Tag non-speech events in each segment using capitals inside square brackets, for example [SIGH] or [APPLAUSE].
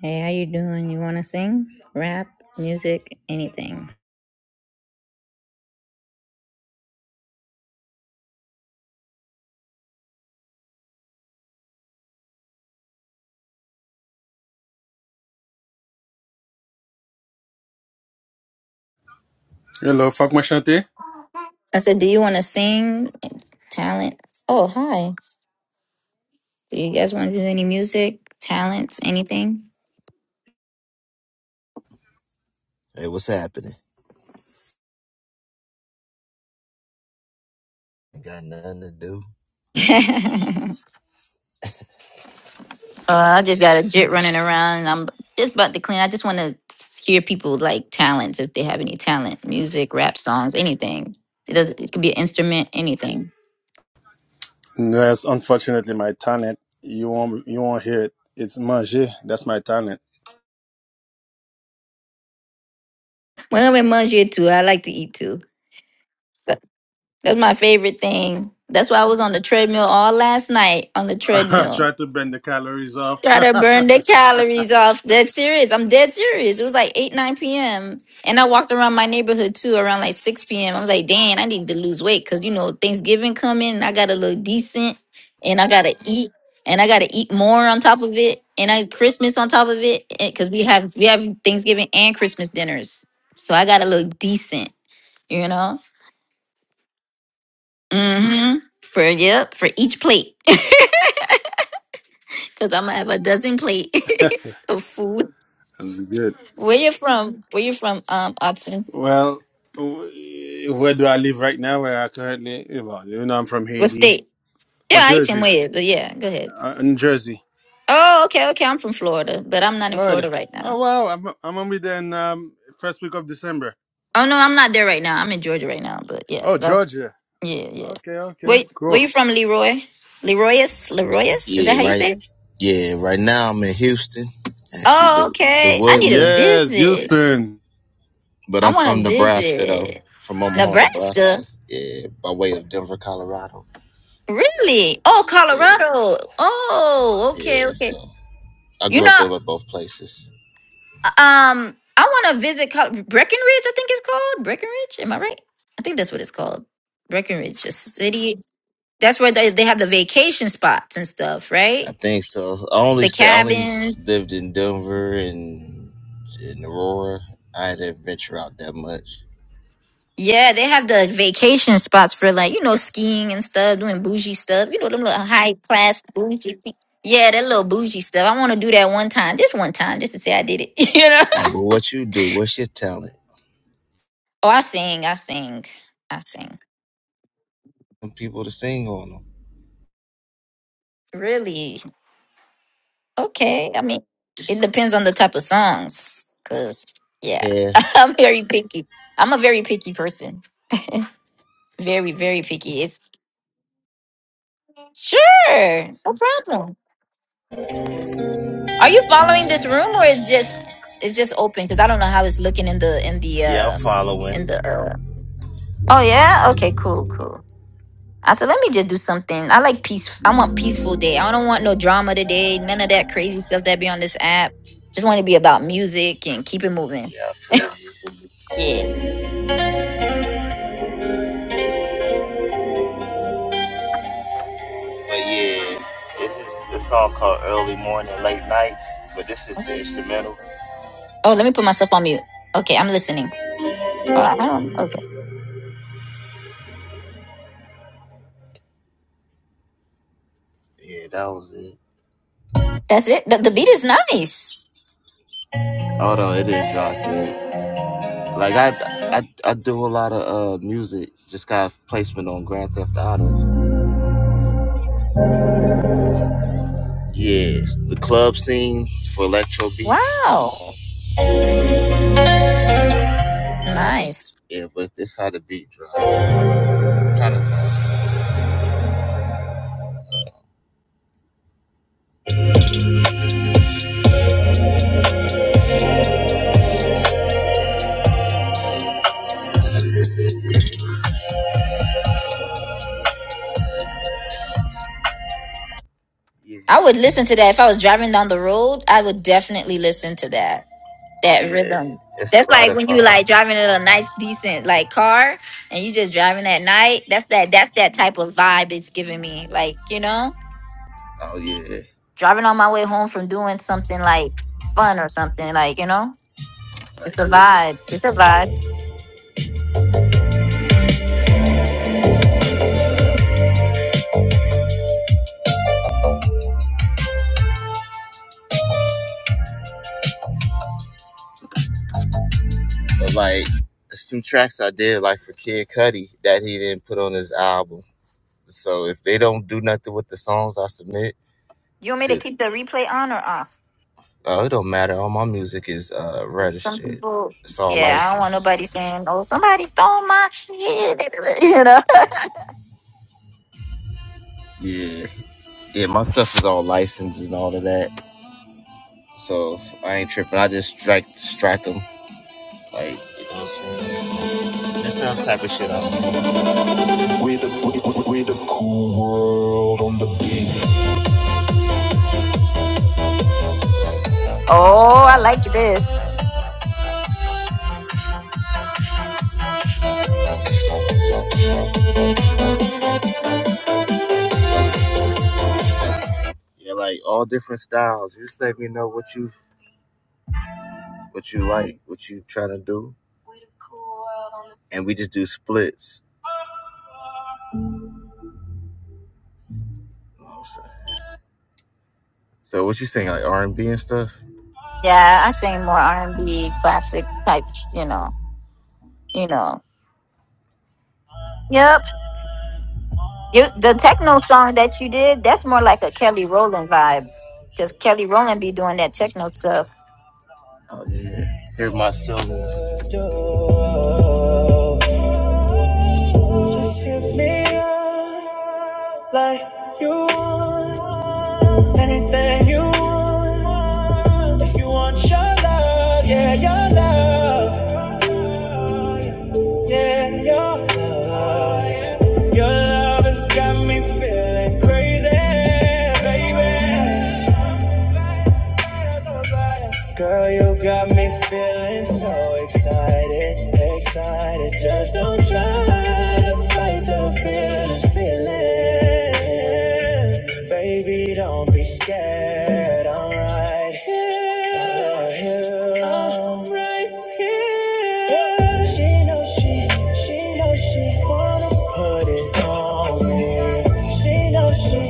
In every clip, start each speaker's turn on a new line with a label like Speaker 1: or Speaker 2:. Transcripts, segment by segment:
Speaker 1: Hey, how you doing? You want to sing? Rap, music, anything?
Speaker 2: Hello, fuck my shanty.
Speaker 1: I said, do you want to sing? Talent? Oh, hi. Do you guys want to do any music, talents, anything?
Speaker 3: Hey, what's happening? I got nothing to do.
Speaker 1: [LAUGHS] uh, I just
Speaker 3: Like,
Speaker 1: got a jit running around. And I'm just about to clean. I just want to hear people like talents if they have any talent, music, rap songs, anything. It does. It could be an instrument, anything.
Speaker 2: That's unfortunately my talent. You won't you won't hear it. It's manger. That's my talent.
Speaker 1: Well, I'm in Mangia too. I like to eat too. So That's my favorite thing. That's why I was on the treadmill all last night on the
Speaker 2: [LAUGHS] I
Speaker 1: treadmill.
Speaker 2: try to bend the calories off. [LAUGHS]
Speaker 1: Try to burn
Speaker 2: That's
Speaker 1: the calories off. Dead serious. I'm dead serious. It was like 8, 9 p.m. And I walked around my neighborhood too around like 6 p.m. I was like, dang, I need to lose weight because, you know, Thanksgiving coming and I got to look decent and I got to eat and I got to eat more on top of it and I Christmas on top of it because we have we have Thanksgiving and Christmas dinners. So I got to look decent, you know? mm hmm For yep, for each plate, [LAUGHS] because I'm gonna have a dozen plate [LAUGHS] of food.
Speaker 2: good.
Speaker 1: Where you from? Where you from? Um, Austin.
Speaker 2: Well, w- where do I live right now? Where I currently well, you know, I'm from
Speaker 1: What
Speaker 2: Haiti
Speaker 1: state?
Speaker 2: or
Speaker 1: Yeah, I seen
Speaker 2: Jersey,
Speaker 1: where, but yeah, go ahead.
Speaker 2: uh, in Jersey,
Speaker 1: Oh, okay, okay. I'm from Florida, but I'm not in
Speaker 2: Florida.
Speaker 1: Florida right now.
Speaker 2: Oh wow, I'm I'm gonna be there in um, first week of December.
Speaker 1: Oh no, I'm not there right now. I'm in Georgia right now, but yeah,
Speaker 2: Oh,
Speaker 1: that's
Speaker 2: Georgia.
Speaker 1: yeah, yeah.
Speaker 2: Okay, okay,
Speaker 1: Wait, where
Speaker 2: cool.
Speaker 1: you from, Leroy? Leroyus? Leroyus? Is that
Speaker 3: Yeah,
Speaker 1: how you
Speaker 3: right.
Speaker 1: say it?
Speaker 3: Yeah, right now I'm in Houston, actually
Speaker 1: Oh,
Speaker 3: the the
Speaker 1: okay. I need a
Speaker 2: Yes,
Speaker 3: Woodlands,
Speaker 1: visit.
Speaker 2: Houston.
Speaker 3: but I'm
Speaker 1: I want
Speaker 3: from
Speaker 1: to
Speaker 3: Nebraska though,
Speaker 1: visit
Speaker 3: from Omaha,
Speaker 1: Nebraska.
Speaker 3: Nebraska. Yeah, by way of Denver, Colorado. It's-
Speaker 1: Really? Oh,
Speaker 3: yeah,
Speaker 1: Colorado. Oh, okay,
Speaker 3: yeah.
Speaker 1: okay.
Speaker 3: So I
Speaker 1: You
Speaker 3: grew up
Speaker 1: know,
Speaker 3: in both places.
Speaker 1: um, I want to visit Col- Breckenridge. I think it's called Breckenridge. Am I right? I think that's what it's called. Breckenridge, a city. That's where they, they have the vacation spots and stuff,
Speaker 3: I
Speaker 1: right?
Speaker 3: think so. I only
Speaker 1: The
Speaker 3: stay. I only lived
Speaker 1: cabins.
Speaker 3: in Denver and in Aurora. I didn't venture out that much.
Speaker 1: Yeah, they have the vacation spots for like you know skiing and stuff, doing bougie stuff. You know them little high class bougie. thing. Yeah, that little bougie stuff. I want to do that one time, just one time, just to say I did it. [LAUGHS] You know.
Speaker 3: Hey, but what you do? What's your talent?
Speaker 1: Oh, I sing, I sing, I sing.
Speaker 3: Some People to sing on them.
Speaker 1: Really? Okay. I mean, it depends on the type of songs. Cause yeah,
Speaker 3: Yeah.
Speaker 1: [LAUGHS] I'm very picky. I'm a very picky person. Very, very picky. It's sure, no problem. Are you following this room or it's just it's just open? Cause I don't know how it's looking in the in the
Speaker 3: Yeah, I'm
Speaker 1: uh in the.
Speaker 3: following.
Speaker 1: Uh... Oh yeah. Okay. Cool. Cool. I said, let me just do something. I like peace. I want peaceful day. I don't want no drama today. None of that crazy stuff that be on this app. Just want to be about music and keep it moving.
Speaker 3: Yeah, I
Speaker 1: [LAUGHS]
Speaker 3: feel you.
Speaker 1: Yeah.
Speaker 3: But yeah, this is a song called Early Morning, Late Nights, but this is the instrumental.
Speaker 1: Oh, let me put myself on mute. Okay, I'm listening. Uh, I don't, okay.
Speaker 3: Yeah, that was it.
Speaker 1: That's it. The, the beat is nice.
Speaker 3: Hold on, it didn't drop yet. Like I, I, I do a lot of uh music. Just got placement on Grand Theft Auto. Yeah, the club scene for electro beats.
Speaker 1: Wow. Nice.
Speaker 3: Yeah, but this how the beat drop. I'm trying to. find, Yeah.
Speaker 1: I would listen to that if I was driving down the road. I would definitely listen to that.
Speaker 3: Oh
Speaker 1: that
Speaker 3: yeah,
Speaker 1: rhythm.
Speaker 3: it's
Speaker 1: That's like when you
Speaker 3: Spotify.
Speaker 1: like driving in a nice, decent like car, and you just driving at night. That's that. That's that type of vibe it's giving me. Like you know,
Speaker 3: Oh yeah,
Speaker 1: driving on my way home from doing something like fun or something. Like you know,
Speaker 3: like
Speaker 1: it's a vibe.
Speaker 3: this.
Speaker 1: It's a vibe.
Speaker 3: But like, it's two tracks I did like for Kid Cudi that he didn't put on his album. So if they don't do nothing with the songs I submit
Speaker 1: You want me to
Speaker 3: to,
Speaker 1: keep the replay on or off?
Speaker 3: oh, it don't matter. All my music is uh,
Speaker 1: 'Cause some
Speaker 3: registered.
Speaker 1: people,
Speaker 3: It's all
Speaker 1: yeah, I don't want
Speaker 3: licensed.
Speaker 1: nobody saying, "Oh, somebody stole my," [LAUGHS] you know.
Speaker 3: Yeah, yeah, my stuff is all licensed and all of that. So I ain't tripping. I just strike strike them. Like, you know what I'm saying? That's the type of shit I do. we the, we, we the cool world on the beat.
Speaker 1: [LAUGHS] oh, I like this.
Speaker 3: Yeah, like all different styles. You just let me know what you what you like, what you try to do, and we just do splits. You know what I'm saying? So what you saying, like R and B and stuff?
Speaker 1: Yeah, I sing more R and B, classic type. You know, you know. Yep. You, the techno song that you did, that's more like a Kelly Rowland vibe, because Kelly Rowland be doing that techno stuff.
Speaker 3: Oh yeah, yeah. Hear my soul. Just hit me up like you want anything you want. If you want your love, yeah, your love, yeah, your love. Your love has got me feeling crazy, baby. Girl, you got me feeling so excited, excited. Just don't try to fight the feeling, feeling. Baby, don't be scared. I'm right here. I'm right here. She know she, she know she wanna put it on me. She know she,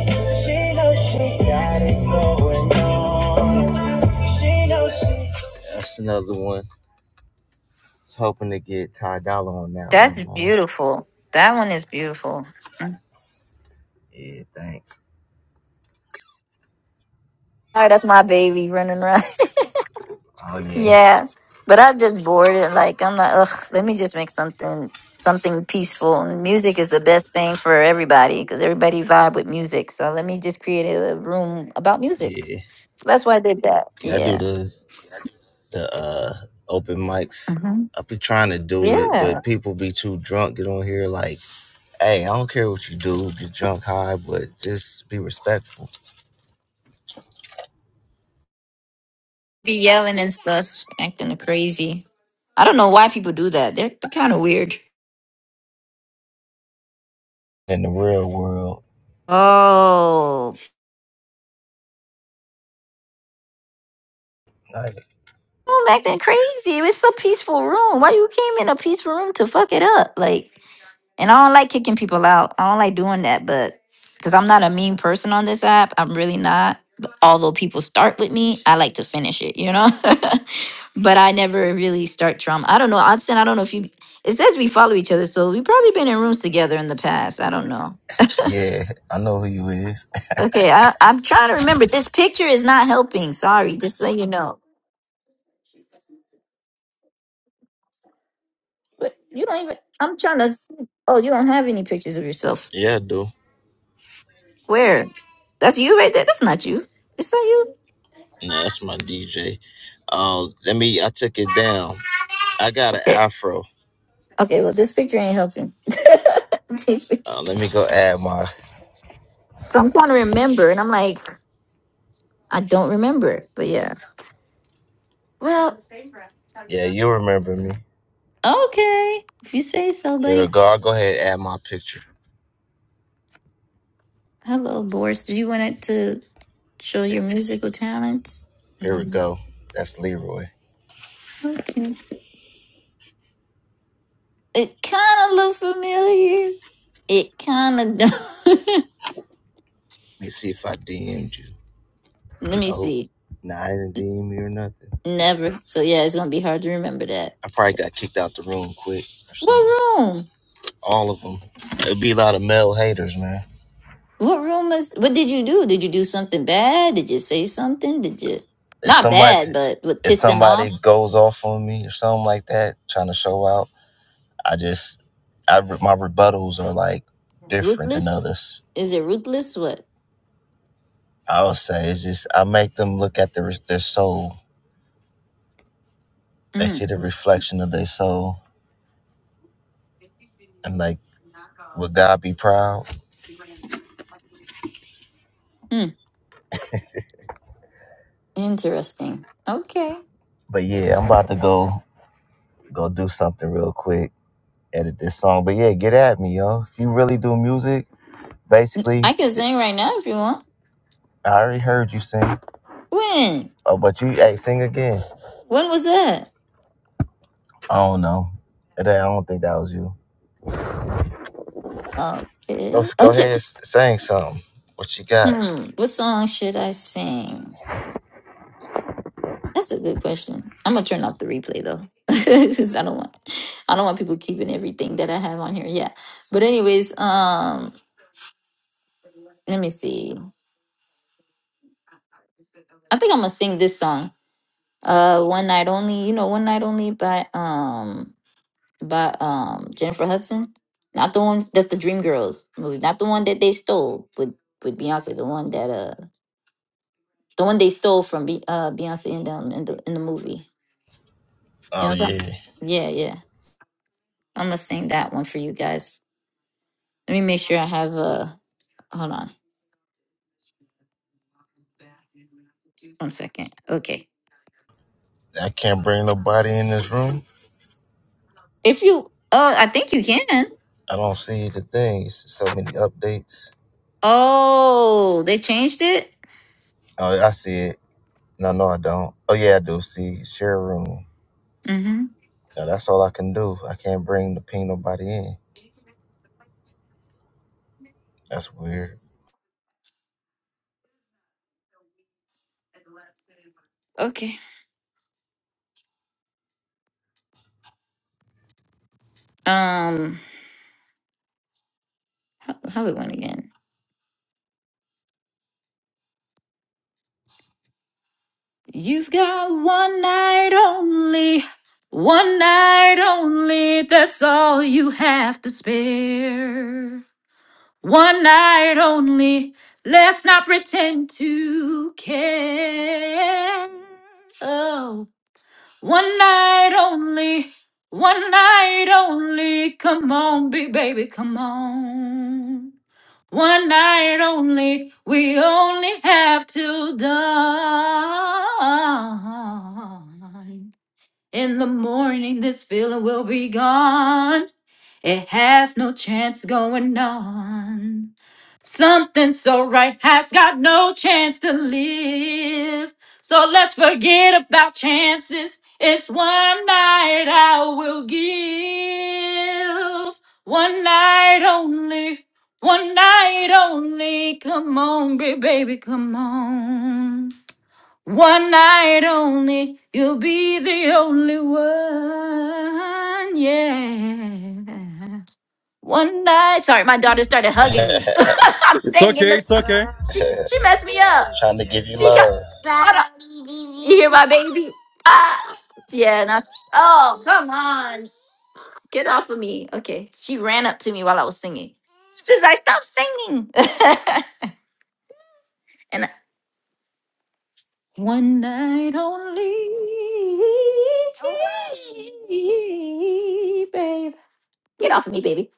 Speaker 3: she know she got it going on. She know she. That's another one. Was hoping to get Ty Dolla on that
Speaker 1: That's
Speaker 3: one, man.
Speaker 1: beautiful. That one is beautiful.
Speaker 3: Yeah, thanks.
Speaker 1: All right, that's my baby running around.
Speaker 3: Oh
Speaker 1: [LAUGHS]
Speaker 3: yeah,
Speaker 1: yeah, but I just bored it. Like I'm like, ugh, let me just make something something peaceful. And music is the best thing for everybody because everybody vibe with music. So let me just create a room about music.
Speaker 3: yeah,
Speaker 1: So that's why I did that.
Speaker 3: yeah. I do
Speaker 1: Yeah,
Speaker 3: the the uh open mics.
Speaker 1: hmm
Speaker 3: I be trying to do it,
Speaker 1: yeah.
Speaker 3: but people be too drunk get on here like Hey, I don't care what you do, get drunk high, but just be respectful.
Speaker 1: be yelling and stuff, acting crazy. I don't know why people do that. They're, kind of weird.
Speaker 3: In the real world,
Speaker 1: Oh,
Speaker 3: like,
Speaker 1: people acting crazy. It was so peaceful room. Why you came in a peaceful room to fuck it up? Like, and I don't like kicking people out. I don't like doing that, but because I'm not a mean person on this app, I'm really not. But although people start with me, I like to finish it. You know, [LAUGHS] but I never really start drama. I don't know, Odson. I don't know if you. It says we follow each other, so we probably been in rooms together in the past. I don't know.
Speaker 3: yeah, I know who you is.
Speaker 1: Okay, I, I'm trying to remember. This picture is not helping. Sorry, just so you know. But you don't even. I'm trying to. s- Oh, you don't have any pictures of yourself.
Speaker 3: Yeah, I do.
Speaker 1: Where? That's you right there. That's not you. It's not you.
Speaker 3: No, that's my DJ. Uh, let me. I took it down. I got an
Speaker 1: Okay.
Speaker 3: afro.
Speaker 1: Okay. Well, this picture ain't helping. [LAUGHS] These pictures-
Speaker 3: Uh, let me go add my.
Speaker 1: so I'm trying to remember, and I'm like, I don't remember. But yeah. Well,
Speaker 3: Yeah, you remember me.
Speaker 1: okay. If you say so,
Speaker 3: Here we
Speaker 1: buddy.
Speaker 3: go. I'll go ahead and add my picture.
Speaker 1: Hello, Boris. Do you want it to show
Speaker 3: Here,
Speaker 1: your musical talents?
Speaker 3: here we
Speaker 1: No.
Speaker 3: go. That's Leroy. Let
Speaker 1: Okay. It kind of look familiar. It kind of don't.
Speaker 3: me see if I DM'd you.
Speaker 1: [LAUGHS] Let me
Speaker 3: Oh,
Speaker 1: see.
Speaker 3: nah, I didn't DM you or nothing.
Speaker 1: Never. So yeah, it's gonna be hard to remember that.
Speaker 3: I probably got kicked out the room quick or something.
Speaker 1: What room?
Speaker 3: all of them. It'd be a lot of male haters, man.
Speaker 1: What room is? What did you do? Did you do something bad? Did you say something? Did you
Speaker 3: If
Speaker 1: not
Speaker 3: somebody
Speaker 1: bad, but what
Speaker 3: if
Speaker 1: pissed them
Speaker 3: somebody
Speaker 1: off?
Speaker 3: goes off on me or something like that, trying to show out, I just I my rebuttals are like different than
Speaker 1: Ruthless?
Speaker 3: others.
Speaker 1: Is it ruthless? What?
Speaker 3: I would say it's just I make them look at their their soul. They
Speaker 1: Mm.
Speaker 3: see the reflection of their soul, and like, would God be proud?
Speaker 1: Hmm. Interesting. Okay.
Speaker 3: But yeah, I'm about to go go do something real quick, edit this song. But yeah, get at me, yo. If you really do music, basically,
Speaker 1: I can
Speaker 3: j-
Speaker 1: sing right now if you want.
Speaker 3: I already heard you sing.
Speaker 1: When?
Speaker 3: Oh, but you hey, sing again.
Speaker 1: When was that?
Speaker 3: I don't know. That- I don't think that was you. Go
Speaker 1: Okay.
Speaker 3: go
Speaker 1: I'm
Speaker 3: ahead,
Speaker 1: just,
Speaker 3: s- sing something. What you got?
Speaker 1: hmm. What song should I sing? That's a good question. I'm gonna turn off the replay though, [LAUGHS] because I don't want I don't want people keeping everything that I have on here. Yeah, but anyways, um, let me see. I think I'm gonna sing this song. Uh, one night only. You know, one night only by um by um Jennifer Hudson. Not the one that's the Dream Girls movie. Not the one that they stole with with Beyonce. The one that uh the one they stole from Be- uh Beyonce in the in the in the movie. You
Speaker 3: Oh
Speaker 1: know what I'm talking?
Speaker 3: yeah.
Speaker 1: Yeah, yeah. I'm gonna sing that one for you guys. Let me make sure I have a. Hold on second. Okay.
Speaker 3: I can't bring nobody in this room.
Speaker 1: If you. Oh, I think you can.
Speaker 3: I don't see the things. So many updates.
Speaker 1: Oh, they changed it?
Speaker 3: Oh, I see it. No, no, I don't. Oh yeah, I do see share room.
Speaker 1: Mm hmm.
Speaker 3: Now that's all I can do. I can't bring the ping nobody in. That's weird.
Speaker 1: Okay. Um, how we went again? You've got one night only. One night only. That's all you have to spare. One night only. Let's not pretend to care. Oh. One night only, one night only. Come on, big baby, come on. One night only, we only have till dawn. In the morning, this feeling will be gone. It has no chance going on. Something so right has got no chance to live. So let's forget about chances. It's one night I will give. One night only. One night only. Come on, ba- baby, come on. One night only. You'll be the only one. Yeah. One night. Sorry, my daughter started
Speaker 3: [LAUGHS]
Speaker 1: hugging me. [LAUGHS] I'm
Speaker 2: It's
Speaker 1: singing the
Speaker 2: okay. It's
Speaker 1: song.
Speaker 2: okay.
Speaker 1: messed me up.
Speaker 3: Trying to give you
Speaker 1: She got
Speaker 3: love.
Speaker 1: you hear my baby. Ah, yeah. Now, she- oh, come on, get off of me. Okay, she ran up to me while I was singing. Since I stopped singing, [LAUGHS] and I- one night only, babe. Get off of me, baby.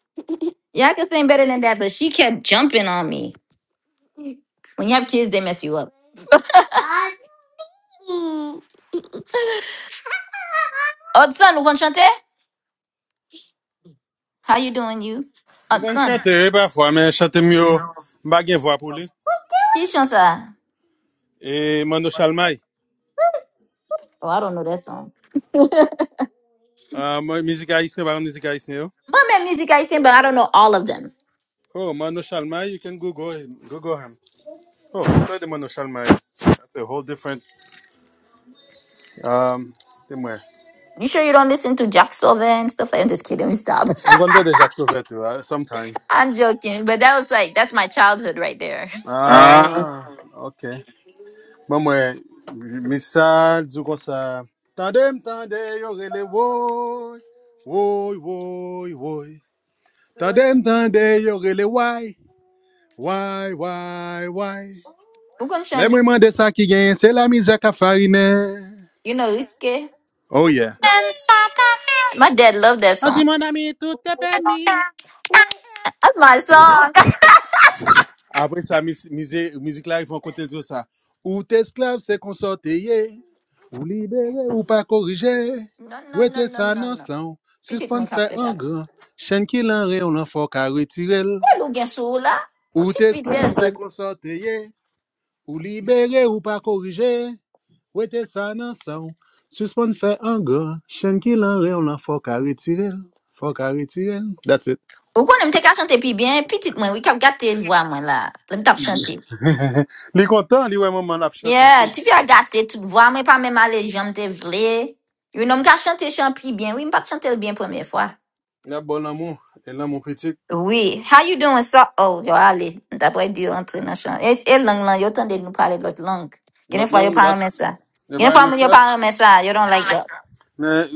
Speaker 1: Yeah, I can sing better than that, but she kept jumping on me. When you have kids, they mess you up. Oh, son, vous comprenez? How you doing, you?
Speaker 2: Mwen
Speaker 1: Uh,
Speaker 2: kon
Speaker 1: son,
Speaker 2: chante parfois, men chante myo mba gen vwa pou li.
Speaker 1: this song, sir?
Speaker 2: E Mando Chalmay,
Speaker 1: Oh, I don't know that song.
Speaker 2: uh, mizik haisyen, baron mizik haisyen yo.
Speaker 1: Mummy music I sing, but I don't know all of them.
Speaker 2: Oh, Mando Chalmay, you can Google him. Google him. Oh, play the Mando Chalmay. That's a whole different, um, te mwen.
Speaker 1: You sure you don't listen to Jack Silver and stuff? I'm just kidding. Stop.
Speaker 2: Mwen kon do the Jacques Sauvette yo, uh,
Speaker 1: [LAUGHS]
Speaker 2: sometimes.
Speaker 1: I'm joking. But that was like, that's my childhood right there. Uh,
Speaker 2: Ah, ok. Mwen mwen, misal, djou kon sa. Tande m tande yo rele woy, woy, woy, woy. Tande m tande yo rele woy. Why, why, why?
Speaker 1: We're going to try,
Speaker 2: Les
Speaker 1: re-
Speaker 2: mwen de ça qui gen, c'est la mize à farine.
Speaker 1: you know, Iske.
Speaker 2: Oh yeah.
Speaker 1: My dad loved that
Speaker 2: A
Speaker 1: song.
Speaker 2: di mon ami, tout est
Speaker 1: That's
Speaker 2: permis.
Speaker 1: my song. [LAUGHS]
Speaker 2: Après ça, musique, mize, mizik la, yon kote diyo sa. Ou te esklave se konsorteye, ou libere ou pas korije,
Speaker 1: No,
Speaker 2: ou
Speaker 1: no, no,
Speaker 2: était
Speaker 1: no,
Speaker 2: ça,
Speaker 1: no,
Speaker 2: nan
Speaker 1: no.
Speaker 2: san,
Speaker 1: Pitik mwen
Speaker 2: suspend
Speaker 1: ka
Speaker 2: fe
Speaker 1: fed
Speaker 2: an
Speaker 1: up.
Speaker 2: gran, chen ki lan re, on lan fok a retirel.
Speaker 1: Fwa lou gen sou la? Mwen
Speaker 2: Ou
Speaker 1: ti
Speaker 2: te esklave se
Speaker 1: fidezo.
Speaker 2: konsorteye, ou libere ou pas korije, Wete sa nan san, suspon fe an gran, chen ki lan re on lan fok a retirel, fok a retirel. That's it.
Speaker 1: Ou konen mte ka chante pi bien, pitit mwen, wik ap gate vwa mwen la. Le mte ap chante.
Speaker 2: [LAUGHS] li kontan, li wè maman ap chate.
Speaker 1: Yeah, ti fi a gate tout vwa mwen, pa mèm ale jom te vle. You know, mka chante chan pi bien. Oui, mpa chante l bien première fois.
Speaker 2: La bon l'amou, e l'amou petit.
Speaker 1: Oui, how you doing, so? Oh, yo ale, mta pre di yo entre nan chan. E, e lang lan, yo tande nou pale lot lang.
Speaker 2: Not
Speaker 1: Genen fwa yo
Speaker 2: long,
Speaker 1: pa remè
Speaker 2: that's,
Speaker 1: sa.
Speaker 2: if
Speaker 1: Genen
Speaker 2: I
Speaker 1: fwa
Speaker 2: miss
Speaker 1: moun yo
Speaker 2: that.
Speaker 1: pa remè sa, yo don't like that.
Speaker 2: Men,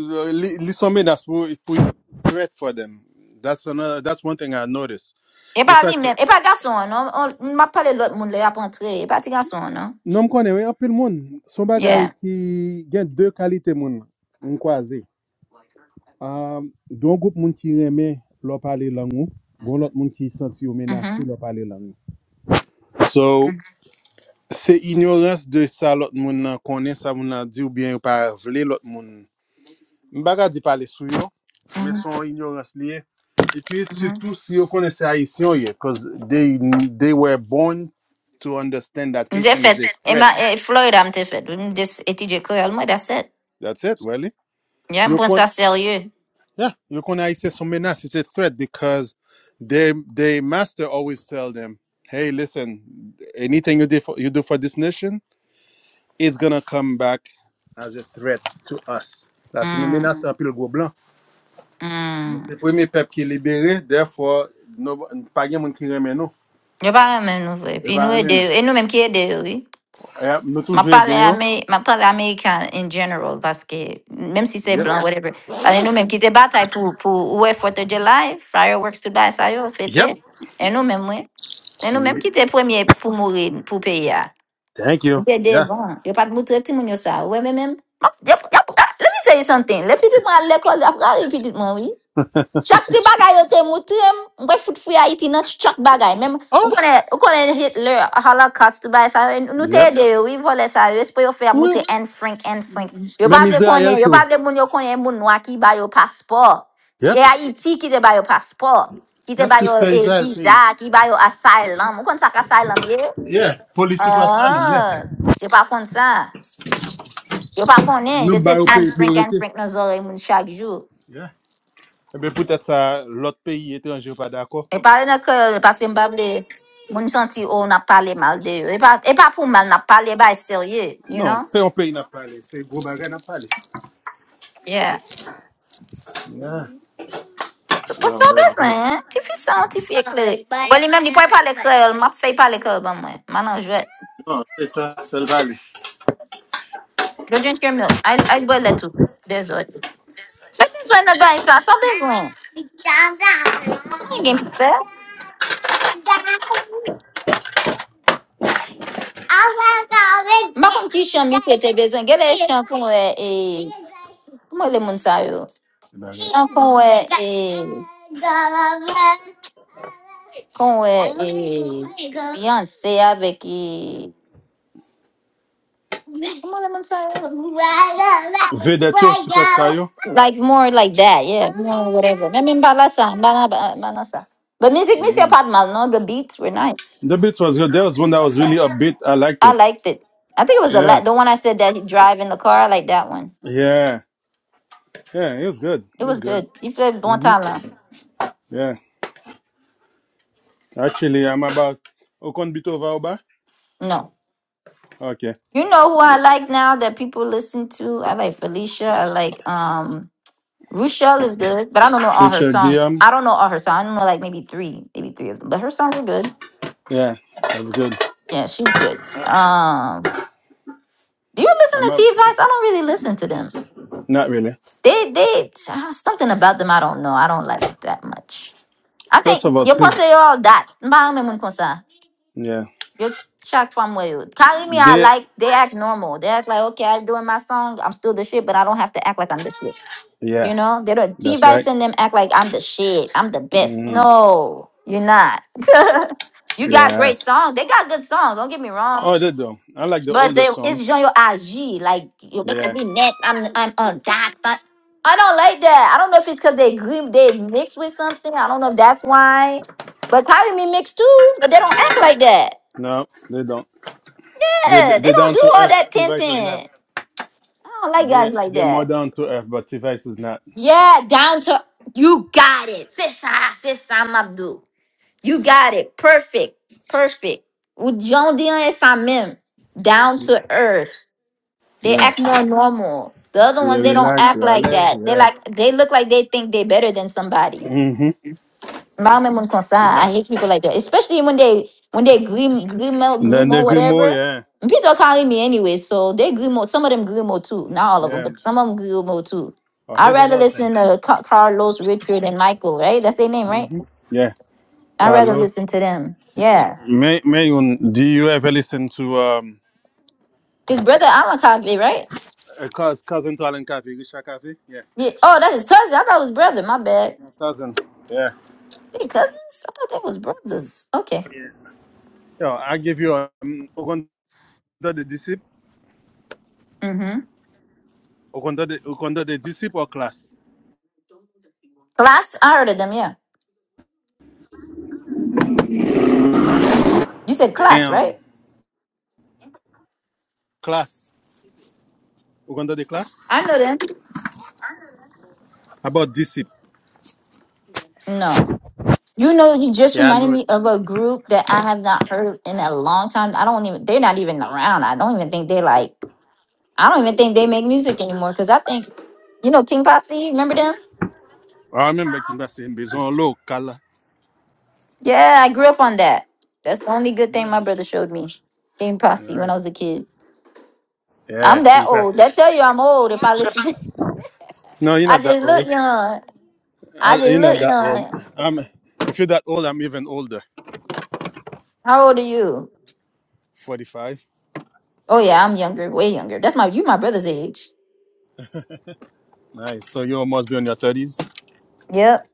Speaker 2: li, li son menas pou, pou threat for them. That's another, that's one thing I noticed.
Speaker 1: E
Speaker 2: E
Speaker 1: pa
Speaker 2: sa
Speaker 1: li
Speaker 2: ke,
Speaker 1: mèm, e pa gason, non? On, m'a pale lot moun le ap entre, e pa ti gason, non?
Speaker 2: nan m konen, wè apil moun, son bagay
Speaker 1: Yeah.
Speaker 2: ki gen dè kalite moun, m Um, gon goup moun ki reme lò pale langou, gon lot moun ki senti yo menase lò pale langou. So, se ignorance de sa lot moun nan konen sa moun nan di ou bien yo pa vle lot moun. Mbaga di pale sou yo, men
Speaker 1: Mm-hmm.
Speaker 2: son ignorans liye. E pi,
Speaker 1: mm-hmm.
Speaker 2: surtout si yo konen se Haitien ye, cause they, they were born to understand that Haitian is
Speaker 1: Mdefet,
Speaker 2: a threat.
Speaker 1: ema, e, Florida mdefet, mdes etije korel mwen, that's it.
Speaker 2: That's it, really.
Speaker 1: Ya
Speaker 2: Yo,
Speaker 1: mpwen
Speaker 2: kon,
Speaker 1: sa serye.
Speaker 2: Yeah, you Yokonai is a menace. It's a threat because their their master always tell them, "Hey, listen, anything you did for, you do for this nation, it's gonna come back as a threat to us." That's une
Speaker 1: Mm,
Speaker 2: menace en pile gros blanc. Mais
Speaker 1: mm.
Speaker 2: C'est le premier peuple qui est libéré, therefore, no, pas de monde qui remet nous.
Speaker 1: Yo pa remen nou vwe,
Speaker 2: Et
Speaker 1: pi nou
Speaker 2: pas remet
Speaker 1: ede
Speaker 2: nous.
Speaker 1: yo, e nou menm ki ede yo, oui.
Speaker 2: Eh, Nous
Speaker 1: Ma
Speaker 2: toujours
Speaker 1: pale,
Speaker 2: aider yo.
Speaker 1: Ame, ma pale Amerikan in general, paske, menm si se
Speaker 2: Yep.
Speaker 1: blan, whatever. Pale nou menm ki te batay pou, pou ouwe 4 July, fireworks tout bay sa yo,
Speaker 2: Yep.
Speaker 1: fete. E nou menm we. E nou menm
Speaker 2: Ye-
Speaker 1: ki te premye pou mouri, pou peya.
Speaker 2: Thank you.
Speaker 1: Dede
Speaker 2: Yeah.
Speaker 1: bon, yo pat moutre timoun sa. Ouwe men men. Ma- yap- yap- ah, Let me tell you something. Le pitit mwen al l'ekol, ap gare pitit mwen, oui. Chak ti bagay yo te moutre, mwen fout fwe Haiti nan chak bagay. Mem, ou
Speaker 2: Oh,
Speaker 1: konen, ou konen Hitler, Holocaust, bay sa, yo, nou te
Speaker 2: Yep.
Speaker 1: yede yo, oui, vole sa yo, espo yo fwe ap moutre
Speaker 2: Oui.
Speaker 1: en frank, en frank. Yo pa
Speaker 2: Même
Speaker 1: vle
Speaker 2: Israël
Speaker 1: konen, yo
Speaker 2: tout.
Speaker 1: pa vle moun yo konen moun noa ki bay yo paspor. Ki,
Speaker 2: Yep.
Speaker 1: e Haiti ki te bay yo paspor. Ki te
Speaker 2: Yep.
Speaker 1: bay
Speaker 2: Qui
Speaker 1: yo
Speaker 2: fait
Speaker 1: e
Speaker 2: Israël pays.
Speaker 1: visa, ki bay yo asylum. Ou kon sak asylum ye?
Speaker 2: Yeah, political asylum, yeah.
Speaker 1: Ah, yo pa kon sa. Yo pa konen,
Speaker 2: Nou
Speaker 1: yo te
Speaker 2: bay ou
Speaker 1: an
Speaker 2: peyi
Speaker 1: frank an
Speaker 2: priorite.
Speaker 1: frank nan zore moun chak jou.
Speaker 2: Yeah. Ebe pwetet sa lot peyi etranje ou pa dako.
Speaker 1: E pale nan kè, yo paske mbable, moun santi ou na pale mal de yo. E pa, e pa pou mal na pale bay serye, you
Speaker 2: Non,
Speaker 1: know?
Speaker 2: se yon peyi nap pale, se gro bagay nap pale.
Speaker 1: Yeah.
Speaker 2: Yeah.
Speaker 1: But
Speaker 2: Wow,
Speaker 1: so
Speaker 2: that's good.
Speaker 1: bezwen, ti fi san, ti fi el, map fey pale kè ban mwen. Manan jwet.
Speaker 2: Non, se sa, fel pale.
Speaker 1: Yo drink your milk. I, I boil it too. Dezod. So bezwen nan bay sa, so bezwen. Yon gen pi fè. Mba kon ki chan mi se te bezwen. Gè le chan kon we, e, kon le moun sa yo.
Speaker 2: Se Bagay.
Speaker 1: Beyonce, Vicky. [LAUGHS] Come on, let me
Speaker 2: Vedet yo, superstar yo.
Speaker 1: Like more like that, yeah. More whatever. I mean, balasa, balasa, balasa. But music, miss your mal, no? The beats were nice.
Speaker 2: The beat was good. There was one that was really upbeat. I liked
Speaker 1: I
Speaker 2: it.
Speaker 1: liked it. I think it was the la-
Speaker 2: Yeah.
Speaker 1: the one I said that he drive in the car. I like that one.
Speaker 2: Yeah. Yeah, it was good.
Speaker 1: It
Speaker 2: It was
Speaker 1: was
Speaker 2: good.
Speaker 1: good. You played it one time now.
Speaker 2: Yeah. Actually, I'm about Okon Bitova Oba.
Speaker 1: No.
Speaker 2: Okay.
Speaker 1: You know who I like now that people listen to? I like Felicia. I like um Rochelle is good, but I don't know all her
Speaker 2: Richard
Speaker 1: songs.
Speaker 2: Guillaume.
Speaker 1: I don't know all her songs. I don't know like maybe three, maybe three of them. But her songs are good.
Speaker 2: Yeah, that's good.
Speaker 1: Yeah, she's good. Um Do you listen
Speaker 2: I'm
Speaker 1: to
Speaker 2: up.
Speaker 1: T Fox? I don't really listen to them.
Speaker 2: Not really.
Speaker 1: They they uh, something about them I don't know. I don't like that much. I
Speaker 2: First
Speaker 1: think
Speaker 2: of all,
Speaker 1: you
Speaker 2: Steve,
Speaker 1: pose all that. Mba me mun konsa.
Speaker 2: yeah,
Speaker 1: You shocked from where you carry me. I
Speaker 2: they,
Speaker 1: like they act normal. They act like okay, I'm doing my song. I'm still the shit, but I don't have to act like I'm the shit.
Speaker 2: yeah,
Speaker 1: You know they don't. T
Speaker 2: that's right.
Speaker 1: Vice and them act like I'm the shit. I'm the best.
Speaker 2: Mm,
Speaker 1: No, you're not. [LAUGHS] you got
Speaker 2: yeah.
Speaker 1: great songs. They got good songs. Don't get me wrong.
Speaker 2: Oh, they do. I like the
Speaker 1: But
Speaker 2: older
Speaker 1: they,
Speaker 2: songs.
Speaker 1: it's just your IG. Like you're making
Speaker 2: Yeah.
Speaker 1: me net. I'm I'm a doctor. I don't like that. I don't know if it's because they grim they mixed with something. I don't know if that's why. But Kylie me mixed too, but they don't act like that.
Speaker 2: No, they don't. They
Speaker 1: Yeah, they
Speaker 2: they
Speaker 1: don't
Speaker 2: down
Speaker 1: do
Speaker 2: to
Speaker 1: all
Speaker 2: earth.
Speaker 1: that
Speaker 2: Device is not.
Speaker 1: tinting. I don't like guys
Speaker 2: They
Speaker 1: like
Speaker 2: they're more
Speaker 1: that.
Speaker 2: down to earth, but Device is not.
Speaker 1: Yeah, down to you got it. Sissa, Sissa Abdul. You got it. Perfect. Perfect. With John Dion and Samim. Down to earth. They
Speaker 2: Yeah.
Speaker 1: act more normal. The other
Speaker 2: You
Speaker 1: ones, they don't
Speaker 2: relax,
Speaker 1: act
Speaker 2: you
Speaker 1: like
Speaker 2: relax.
Speaker 1: that. They
Speaker 2: Yeah.
Speaker 1: like they look like they think they're better than somebody.
Speaker 2: Mm-hmm.
Speaker 1: My mom concern. I hate people like that, especially when they when they glim glimo
Speaker 2: And then they
Speaker 1: glimo
Speaker 2: agree more.
Speaker 1: whatever.
Speaker 2: Yeah.
Speaker 1: And People are calling me anyway, so they glimo. Some of them glimo too, not all of them,
Speaker 2: Yeah.
Speaker 1: but some of them glimo too.
Speaker 2: Oh,
Speaker 1: I'd
Speaker 2: here's
Speaker 1: rather
Speaker 2: another thing.
Speaker 1: listen to Ca- Carlos, Richard, and Michael. Right, that's their name, right?
Speaker 2: Yeah.
Speaker 1: I'd rather
Speaker 2: Carlo.
Speaker 1: listen to them. Yeah,
Speaker 2: May Mayun, do you ever listen to um
Speaker 1: his brother Amakabe, right?
Speaker 2: a cous- cousin to Alan Caffey, Richard Caffey? Yeah.
Speaker 1: Yeah. Oh, that's his cousin. I thought it was brother. My bad.
Speaker 2: Cousin. Yeah.
Speaker 1: They cousins? I thought they was brothers. Okay.
Speaker 2: Yeah, I give you a um, Okonda the Disciple,
Speaker 1: Mm-hmm.
Speaker 2: Okonda the Okonda the Disciple or class.
Speaker 1: Class? I heard of them, yeah. You said class, right?
Speaker 2: Damn, class. Okonda the class.
Speaker 1: I know them.
Speaker 2: How about Disciple?
Speaker 1: No. You know, you just
Speaker 2: Yeah, I
Speaker 1: reminded
Speaker 2: know it.
Speaker 1: me of a group that I have not heard in a long time. I don't even, they're not even around. I don't even think they like, I don't even think they make music anymore because I think, you know, King Posse, remember them?
Speaker 2: I remember King Bassi and Bizon Low Kala.
Speaker 1: Yeah, I grew up on that. That's the only good thing my brother showed me. King
Speaker 2: All
Speaker 1: Posse
Speaker 2: right.
Speaker 1: when I was a kid.
Speaker 2: Yeah,
Speaker 1: I'm
Speaker 2: King
Speaker 1: that old.
Speaker 2: Bassi.
Speaker 1: That tell you I'm old if I listen to,
Speaker 2: No,
Speaker 1: [LAUGHS]
Speaker 2: you're
Speaker 1: I
Speaker 2: not that
Speaker 1: just look
Speaker 2: old.
Speaker 1: young. I
Speaker 2: Uh,
Speaker 1: just
Speaker 2: you're not
Speaker 1: look
Speaker 2: that old.
Speaker 1: young.
Speaker 2: I'm, if you're that old, I'm even older.
Speaker 1: How old are you?
Speaker 2: 45.
Speaker 1: Oh yeah, I'm younger, way younger. That's my you my brother's age.
Speaker 2: Nice. So you must be on your 30s.
Speaker 1: Yep,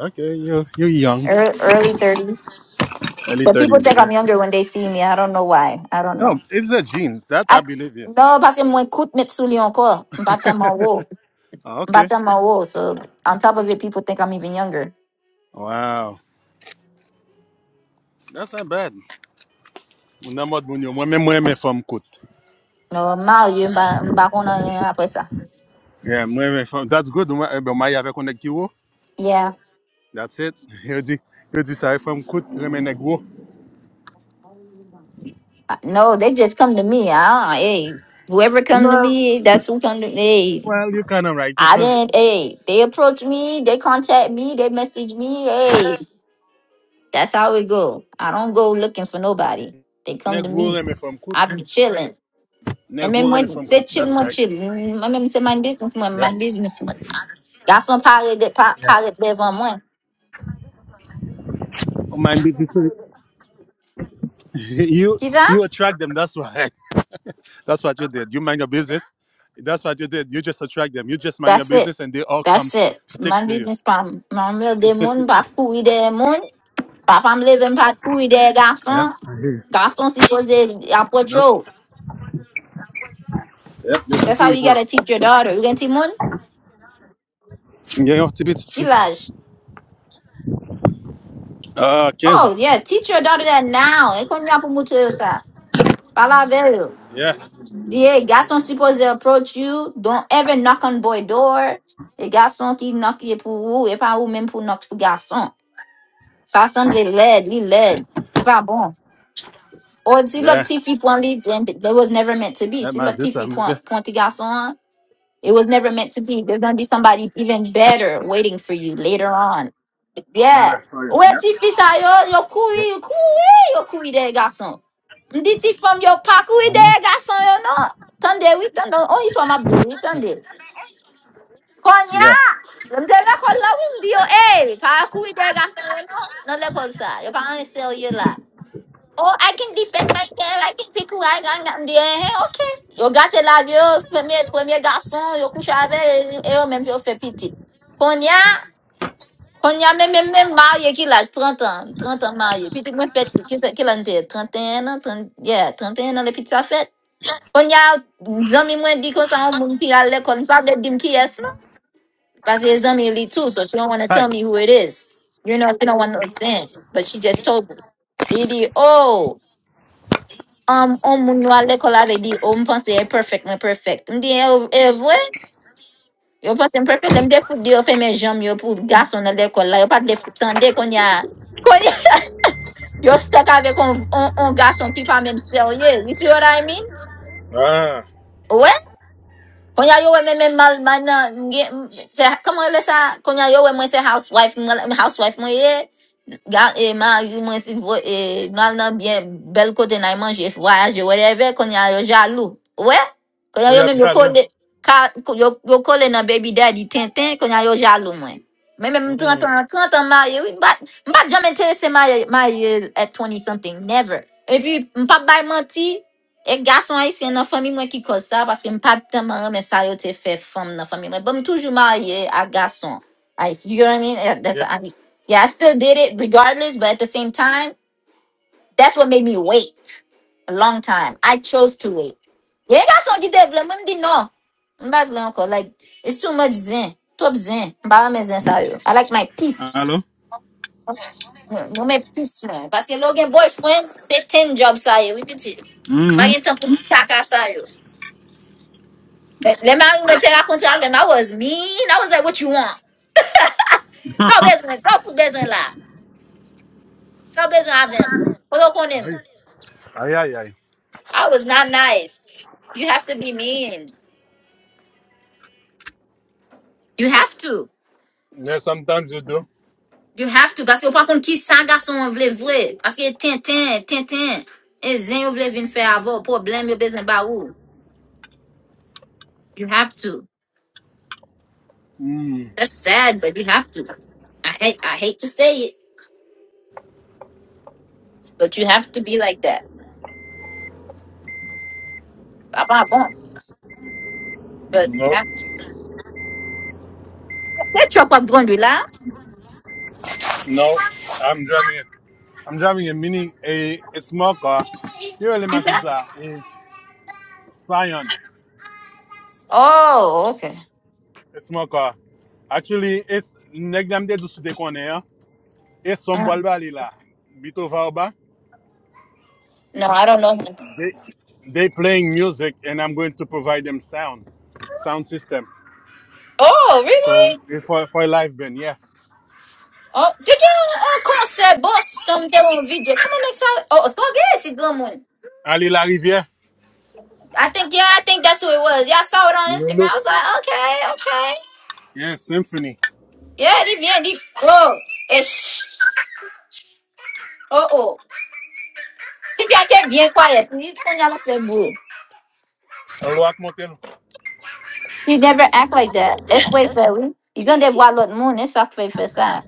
Speaker 2: Okay, you you're young.
Speaker 1: ear- early thirties.
Speaker 2: Early
Speaker 1: But people think
Speaker 2: 30s,
Speaker 1: I'm
Speaker 2: yeah.
Speaker 1: younger when they see me. I don't know why. I don't
Speaker 2: No,
Speaker 1: know.
Speaker 2: it's a genes. That I
Speaker 1: I
Speaker 2: believe you.
Speaker 1: no, parce que moi écoute Mitsuli encore. I'm Mbatama wo,
Speaker 2: Ah, okay.
Speaker 1: mbatama wo. So on top of it, people think I'm even younger.
Speaker 2: Wow. That's not bad. Mounamod Mounio, moi-même, moi, même moi mes femmes coûtent.
Speaker 1: No, mal you mbakona après ça.
Speaker 2: Yeah, moi, mes femmes. That's good. Moi, eh, ben, marié avec un équivo.
Speaker 1: Yeah,
Speaker 2: That's it. [LAUGHS] Il dit, il dit ça, femme coûte, remet négro.
Speaker 1: I- no, they just come to me. Ah, hey, whoever come to
Speaker 2: No,
Speaker 1: me, that's who come to me. Hey,
Speaker 2: well, you kind of right,
Speaker 1: I
Speaker 2: because
Speaker 1: didn't. Hey, they approach me, they contact me, they message me. Hey. That's how it go. I don't go looking for nobody. They come to
Speaker 2: negro
Speaker 1: me.
Speaker 2: remet femme coûte.
Speaker 1: I be chilling.
Speaker 2: Negro
Speaker 1: Remember
Speaker 2: remet
Speaker 1: when
Speaker 2: femme coûte.
Speaker 1: say chilling
Speaker 2: That's
Speaker 1: more
Speaker 2: right.
Speaker 1: chilling. Remember me say my business man,
Speaker 2: Yeah.
Speaker 1: my business man. Garçon parle de pa- parle devant moi.
Speaker 2: Oh, mind business. [LAUGHS] You,
Speaker 1: Qui ça?
Speaker 2: you attract them. That's why. [LAUGHS] That's what you did. You mind your business. That's what you did. You just attract them. You just mind your
Speaker 1: That's it.
Speaker 2: business, and they all come
Speaker 1: That's it.
Speaker 2: stick
Speaker 1: My
Speaker 2: to you.
Speaker 1: business pa mwen de moun pa kouri de moun. Papa me leve pa kouri de
Speaker 2: Yep.
Speaker 1: garçon.
Speaker 2: I hear you.
Speaker 1: Garçon suppose approach
Speaker 2: Nope.
Speaker 1: yo.
Speaker 2: Yep. You're
Speaker 1: That's
Speaker 2: cool.
Speaker 1: how
Speaker 2: You're
Speaker 1: you
Speaker 2: cool.
Speaker 1: gotta teach your daughter. You can teach mon
Speaker 2: Yeah, you're a bit
Speaker 1: Ki
Speaker 2: free.
Speaker 1: laj?
Speaker 2: Uh, Kenza.
Speaker 1: Oh yeah, teach your daughter that now. Et kon ya pou ça, yo sa. Pala
Speaker 2: Yeah,
Speaker 1: Yeah, garçon supposed to approach you. Don't ever knock on boy door. Et garçon qui knock est pour vous, et pas vous même pour knock pour garçon. Ça semble laid, li laid. Il pas bon. Or si l'autre
Speaker 2: yeah.
Speaker 1: petit fille point lead, then it was never meant to be.
Speaker 2: That
Speaker 1: Si
Speaker 2: man,
Speaker 1: l'autre petit
Speaker 2: this
Speaker 1: fille
Speaker 2: I'm
Speaker 1: point,
Speaker 2: good.
Speaker 1: point petit garçon, it was never meant to be. There's gonna be somebody even better waiting for you later on.
Speaker 2: Man,
Speaker 1: Yeah.
Speaker 2: that's for you.
Speaker 1: Where
Speaker 2: Yep.
Speaker 1: ti fisa yo yo kui kui yo kui de garçon. Mditi from yo pa kui
Speaker 2: I
Speaker 1: de
Speaker 2: know.
Speaker 1: garçon yo no. Tande we tande on iswa mabdu we tande. Konya.
Speaker 2: Yeah.
Speaker 1: Mde le kon la wim di yo eh. Pa kui de garçon yo no. No le kon sa. Yo pa an sell you la. Oh, I can defend myself. I can pick who I got. I'm there. Hey, okay. Eu gâte lá, eu premier, premier garçon, eu couche avec, et eu même, eu fais petit. Konya, konya, même, même, même marié qui l'a 30 ans, 30 ans marié. Puis tu me fais, qui c'est qui l'a fait? 31 ans, 30, yeah, 31 ans, les petites ça fait. Konya, zami mwen di kon sa on moun pi al l'école, il va dim ki yes, no? Parce que zami li too, so she don't want to
Speaker 2: Hi.
Speaker 1: tell me who it is. You know, she don't want to understand. But she just told me. Lily, oh. Um, on moun yo al lekol avè di, "Oh, mpense e perfect, mwen perfect." Mdi, e, o- e vwe? Yo pense m perfect, lè m defou de yo fait mes jambes yo pou gason nan lekol la, yo pat defou tande kon ya, kon ya, yo stek avec [LAUGHS] on, on, on gason ki pas même sérieux. you see what I mean?
Speaker 2: Ah,
Speaker 1: Kunya yowe meme mal mana nge- m- se kama ile sa kunya yowe mwe housewife mwe- housewife mwe ye ga e ma mwe si vo e nal na bien bel kote na e, manje e, voyage e, whatever kunya yo jaloux ouais kunya yo
Speaker 2: oya
Speaker 1: même yo
Speaker 2: Jalo.
Speaker 1: kole ka yo yo kole na baby daddy tintin kunya yo jaloux mwen mais même 30
Speaker 2: Mm,
Speaker 1: ans 30 ans marié oui mba mba jamais intéressé marié marié at 20 something never et puis mpa bay menti E gason haisyen nan fami mwen ki koz sa, paske m pa teman reme sa yo te fe fom nan fami mwen. But m toujou marye a gason. Ais, you know what I mean? Eh, That's
Speaker 2: yeah.
Speaker 1: I mean, yeah, I still did it regardless, but at the same time, that's what made me wait a long time. I chose to wait. Ye gason ki devle, mwen m di no. M ba vle anko, like, it's too much zin. Top zin. M ba reme zin sa yo. I like my peace.
Speaker 2: Hello.
Speaker 1: Mwen mwen peace man. Paske lo gen boyfriend, pe ten job sa yo. We piti.
Speaker 2: Mm-hmm.
Speaker 1: gen tan pou m kaka sa yo. Let, let my even check. I couldn't tell them I was mean. I was like, what you want? Tell business. Tell food business lah. Tell business I've been. Put up on him.
Speaker 2: Aye, aye, aye.
Speaker 1: I was not nice. You have to be mean. You have to.
Speaker 2: Yeah, sometimes you do.
Speaker 1: You have to. Parce que ou pa kon ki sa gason an vle vwe. Parce que ten ten, ten ten. E zen yo vle vin fe avon. Problem yo bezwen ba ou. You have to. That's sad, but you have to. I hate, I hate to say it, but you have to be like that. Pa pa bon. But you
Speaker 2: No,
Speaker 1: have to. Kè chok wap brondwi la?
Speaker 2: no. I'm driving. A, I'm driving a mini, a, a small car. You really
Speaker 1: Ki
Speaker 2: machines
Speaker 1: sa?
Speaker 2: are a Scion,
Speaker 1: Oh, okay.
Speaker 2: a small car. Actually, it's next time they do sude kone It's some
Speaker 1: Uh,
Speaker 2: balbali la. Bito
Speaker 1: No, I don't know him.
Speaker 2: They they playing music, and I'm going to provide them sound, sound system.
Speaker 1: Oh, really?
Speaker 2: So it's for for a live band, yeah.
Speaker 1: Oh, did you uh, concert Boston there on video? Come on next time. Oh, so good, it's Bloom one.
Speaker 2: Ali Larivière,
Speaker 1: I think yeah, I think that's who it was. Yeah, I saw it
Speaker 2: you
Speaker 1: on Instagram.
Speaker 2: look,
Speaker 1: I was like, okay, okay.
Speaker 2: yeah, symphony.
Speaker 1: Yeah, they bien deep. Oh, it's oh oh. Tip y'all kept bien quiet. You turn y'all off that good.
Speaker 2: Loak Montelo.
Speaker 1: You never act like that. It's wait for we. You gonna devoir l'autre monde, it's ça fait faire ça.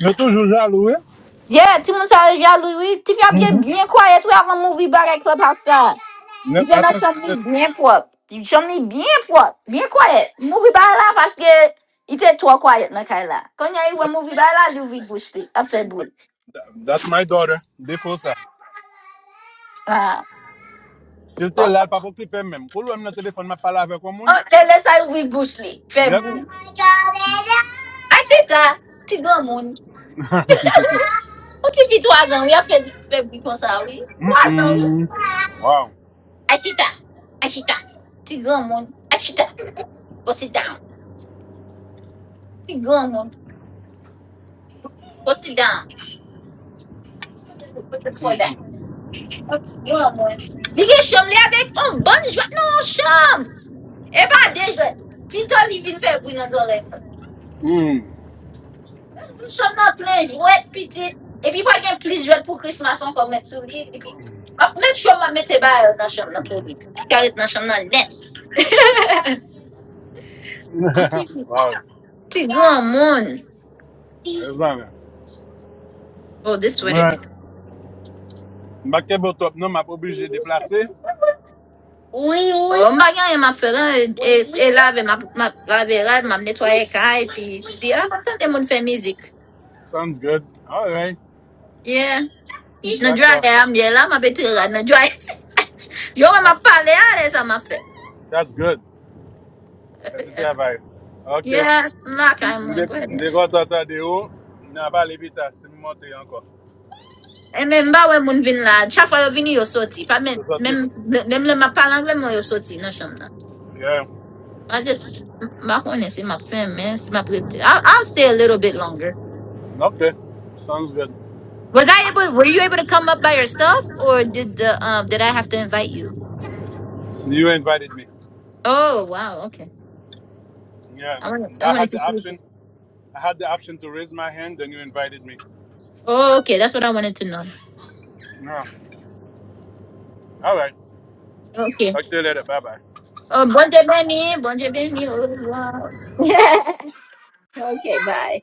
Speaker 2: You're toujours jaloux, eh?
Speaker 1: Yeah, tout le monde ça, y'all, oui, tip y'all bien,
Speaker 2: Mm-hmm.
Speaker 1: bien quiet. We have a movie back at Clubhouse.
Speaker 2: Ne,
Speaker 1: Ils en ont
Speaker 2: attends,
Speaker 1: somni bien propre. Ils somni bien propre, bien quiet. Mouvi ba la parce que il était trop quiet dans kay la. Quand il y a eu un mouvi ba la, lui ouvri bouche li, a fait boule.
Speaker 2: that's my daughter. Défaut ça.
Speaker 1: Ah.
Speaker 2: S'il te
Speaker 1: Oh,
Speaker 2: là, pas pour clipper même. Quand l'homme dans le téléphone m'a parlé avec un
Speaker 1: oh,
Speaker 2: monde.
Speaker 1: elle laisse ça ouvri bouche li, fait
Speaker 2: Yep.
Speaker 1: boule. A fait ta, ti grand moun. Ou ti fi 3 [LAUGHS] ans, oui, a fait fait boule comme ça, oui. 3 ans, oui.
Speaker 2: Mm-mm. Wow.
Speaker 1: achita, chita, a chita. [LAUGHS] Ti grand moun, a chita. Go sit down. Ti grand moun, go sit down. Go to the toilet. Li gen chom li avek, on ban jwak nan on chom. E pa de jwet. Pi to li vin fe bou nan zolem.
Speaker 2: Mm.
Speaker 1: Chom nan plen jwet pitit. E pi pa gen plis jwet pou krismason kon met sou li. li pi. Ap met chom a mette bayal nan chom nan pou li. Pi karet nan chom nan net. An ti,
Speaker 2: [LAUGHS] wow.
Speaker 1: ti gran moun.
Speaker 2: It's not
Speaker 1: Oh, this sweater.
Speaker 2: Right.
Speaker 1: is.
Speaker 2: Back to the top, non, m'a pas obligé de déplacer.
Speaker 1: Oh, mba gen yon ma feran, e, e, e lave, ma, ma lave rad, ma m netwaye kaj, pi pi di, ah, ma tante moun fe mizik.
Speaker 2: Sounds good. All right.
Speaker 1: Yeah. najua
Speaker 2: D'accord.
Speaker 1: yambia mabetira najua yowe
Speaker 2: Huh.
Speaker 1: mapale [LAUGHS] ale za mafe
Speaker 2: That's good. C'est du
Speaker 1: [LAUGHS]
Speaker 2: travail. OK.
Speaker 1: yes mlaka mwengwede
Speaker 2: Ndeko tata de haut, n'a pas les bitas, c'est monté encore.
Speaker 1: emembawe munvin la chafa yo vini yo soti pa mem
Speaker 2: C'est sorti.
Speaker 1: mem mem le mapale angle mo yo soti no shamna
Speaker 2: Yeah.
Speaker 1: i just makone si ma fem man si ma plete I'll, I'll stay a little bit longer
Speaker 2: OK. Sounds good.
Speaker 1: was i able were you able to come up by yourself or did the um did i have to invite you
Speaker 2: You invited me.
Speaker 1: oh wow okay
Speaker 2: Yeah.
Speaker 1: i wanted, i
Speaker 2: I
Speaker 1: wanted
Speaker 2: had
Speaker 1: to
Speaker 2: the
Speaker 1: see if
Speaker 2: option. I had the option to raise my hand then you invited me.
Speaker 1: oh okay that's what i wanted to know
Speaker 2: Yeah. All right.
Speaker 1: okay
Speaker 2: Talk to you later. Bye bye.
Speaker 1: Oh, bonjour, Benny. Bonjour, Benny. Au revoir. [LAUGHS] okay, bye.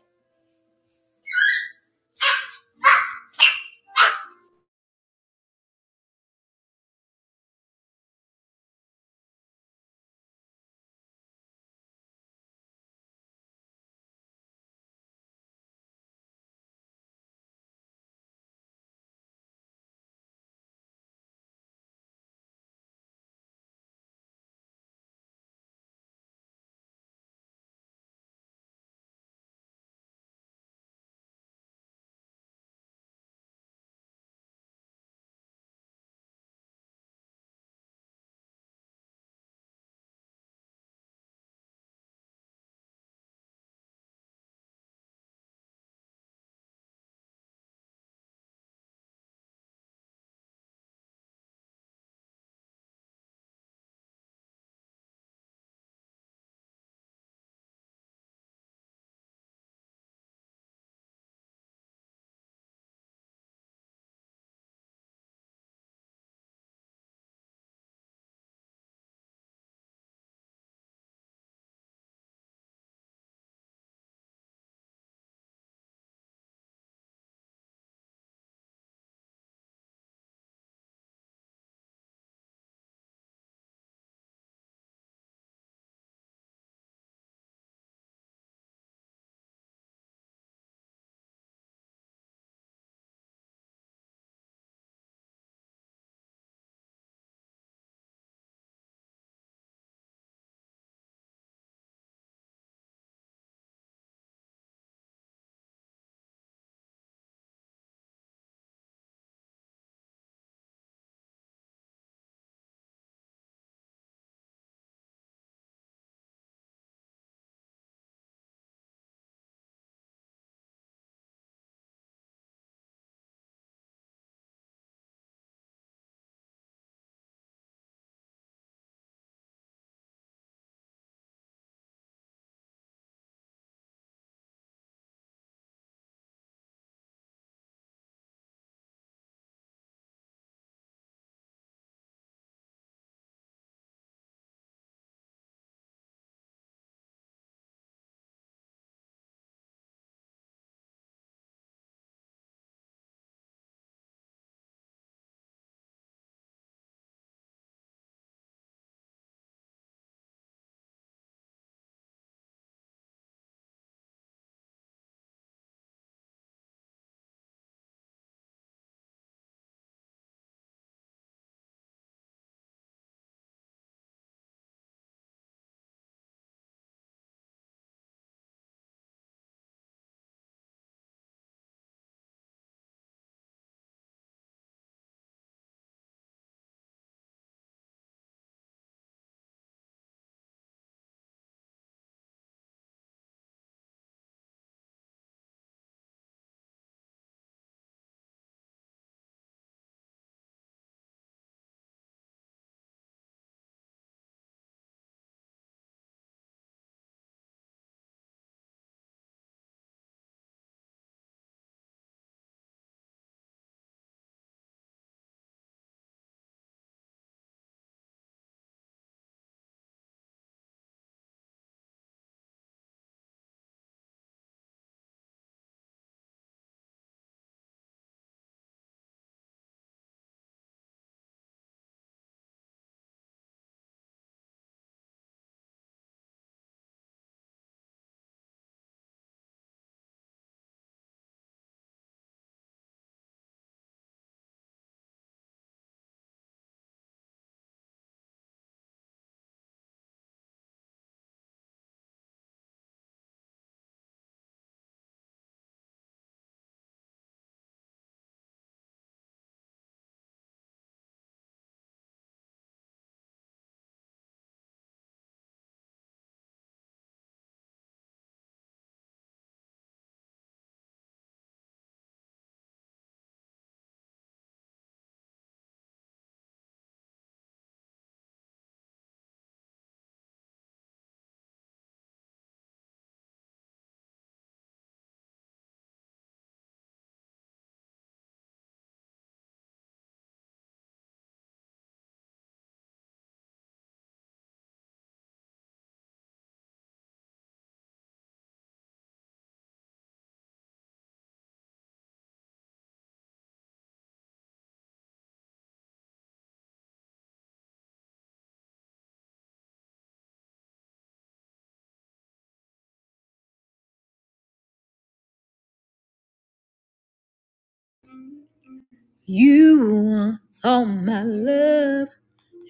Speaker 1: You are all my love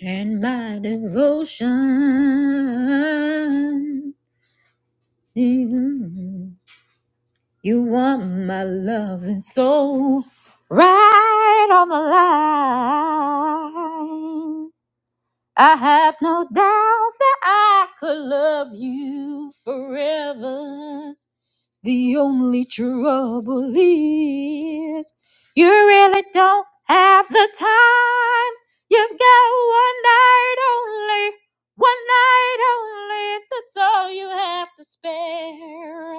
Speaker 1: and my devotion. Mm. You are my love and soul right on the line. I have no doubt that I could love you forever. The only trouble is you really don't have the time. You've got one night only, one night only. That's all you have to spare.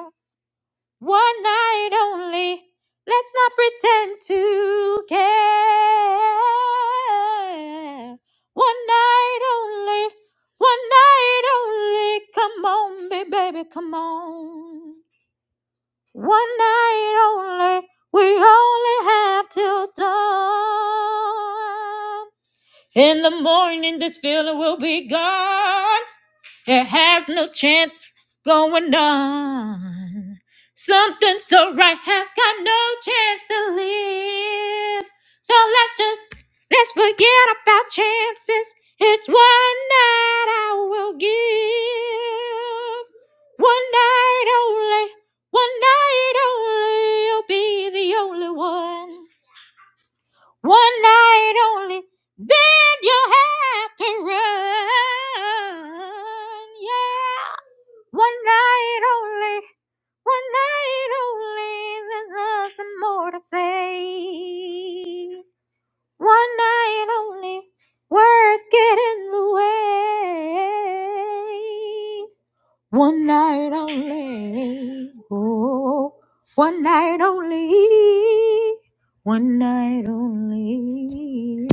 Speaker 1: One night only. Let's not pretend to care. One night only, one night only. Come on, baby, baby, come on. One night only, we only have till dawn. In the morning, this feeling will be gone. It has no chance going on. Something so right has got no chance to live. So let's just let's forget about chances. It's one night I will give. One night only. One night only. You'll be the only one. One night only, then you'll have to run. Yeah. One night only, one night only, there's nothing more to say. One night only, words get in the way. One night only. Oh, one night only. One night only.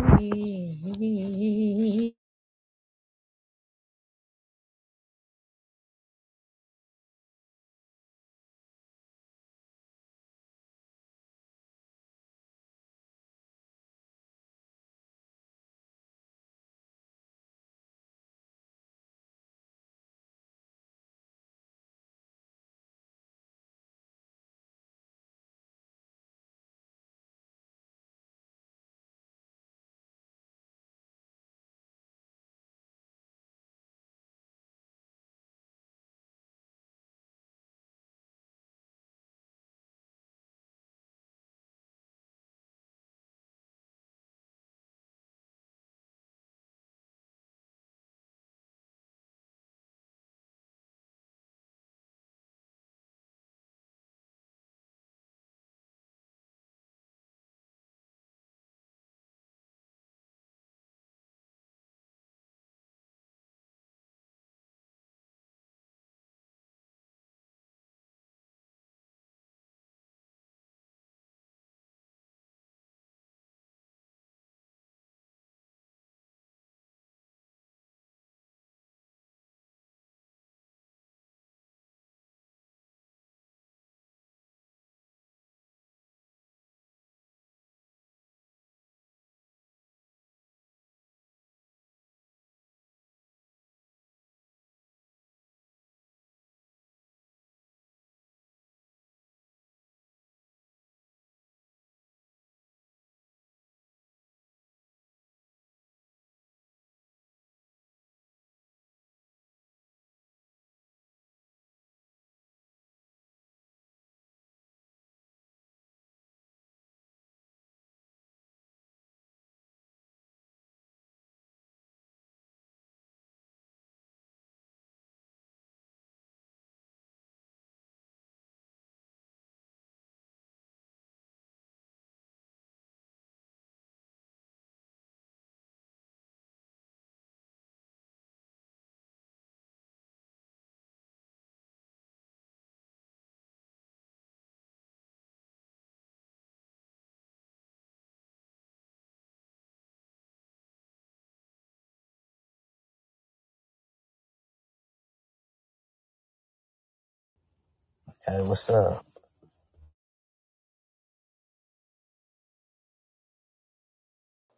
Speaker 3: Hey, what's up?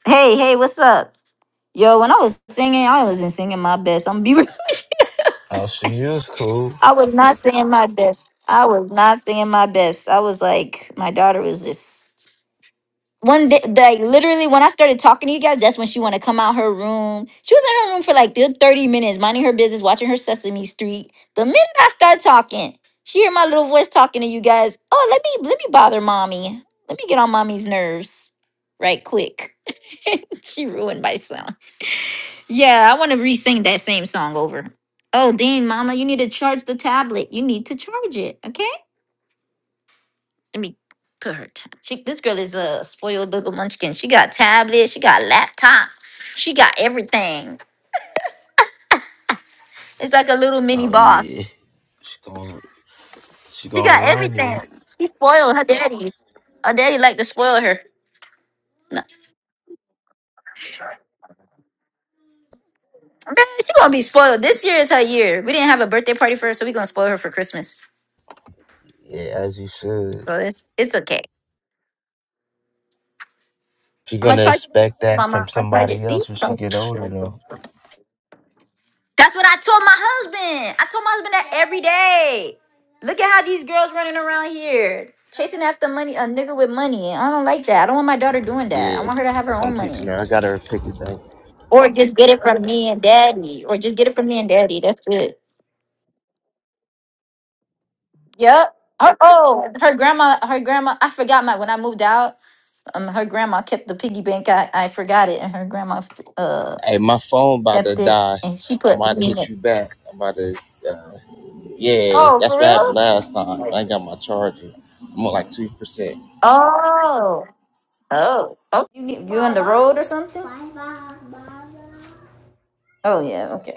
Speaker 1: Hey, hey, what's up? Yo, when I was singing, I wasn't singing my best. I'm be real. [LAUGHS]
Speaker 3: Oh, she is cool.
Speaker 1: I was not singing my best. I was not singing my best. I was like, my daughter was just one day like literally when i started talking to you guys that's when she want to come out her room she was in her room for like good 30 minutes minding her business watching her sesame street the minute i start talking she hear my little voice talking to you guys oh let me let me bother mommy let me get on mommy's nerves right quick [LAUGHS] she ruined my song yeah i want to re-sing that same song over oh dean mama you need to charge the tablet you need to charge it okay put her time. She this girl is a spoiled little munchkin. She got tablet, she got laptop, she got everything.
Speaker 3: Oh yeah. she going She gonna run you.
Speaker 1: Her daddy's her dad- her. No. So this year is her year. We didn't have a birthday party for her, so we're gonna spoil her for Christmas.
Speaker 3: Yeah, as you should.
Speaker 1: So it's it's okay.
Speaker 3: She
Speaker 1: I'm gonna
Speaker 3: gonna
Speaker 1: charge it in the
Speaker 3: expect
Speaker 1: room,
Speaker 3: that from
Speaker 1: mama. I'm gonna charge it.
Speaker 3: somebody
Speaker 1: See?
Speaker 3: else when she get older though.
Speaker 1: That's what I told my husband. I told my husband that every day. Look at how these girls running around here. Chasing after money, a nigga with money. I don't like that. I don't want my daughter doing that.
Speaker 3: Yeah,
Speaker 1: I want her to have her
Speaker 3: that's what I'm
Speaker 1: own
Speaker 3: teaching
Speaker 1: money.
Speaker 3: her. I got her to pick it up.
Speaker 1: Or just get it from me and daddy. Or just get it from me and daddy. That's it. Yep. Oh, oh, her grandma, her grandma, I forgot my, when I moved out, um, her grandma kept the piggy bank. I, I forgot it. And her grandma, uh,
Speaker 3: Hey, my phone about to
Speaker 1: kept it
Speaker 3: die.
Speaker 1: and she
Speaker 3: I'm
Speaker 1: put
Speaker 3: about to
Speaker 1: me in
Speaker 3: hit
Speaker 1: it.
Speaker 3: you back. I'm about to. Uh, yeah,
Speaker 1: Oh, for
Speaker 3: that's what happened
Speaker 1: real?
Speaker 3: last time. I got my charger. I'm on like two percent.
Speaker 1: Oh, oh, oh. You, you on the road or something? Oh, yeah. Okay.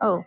Speaker 1: Oh.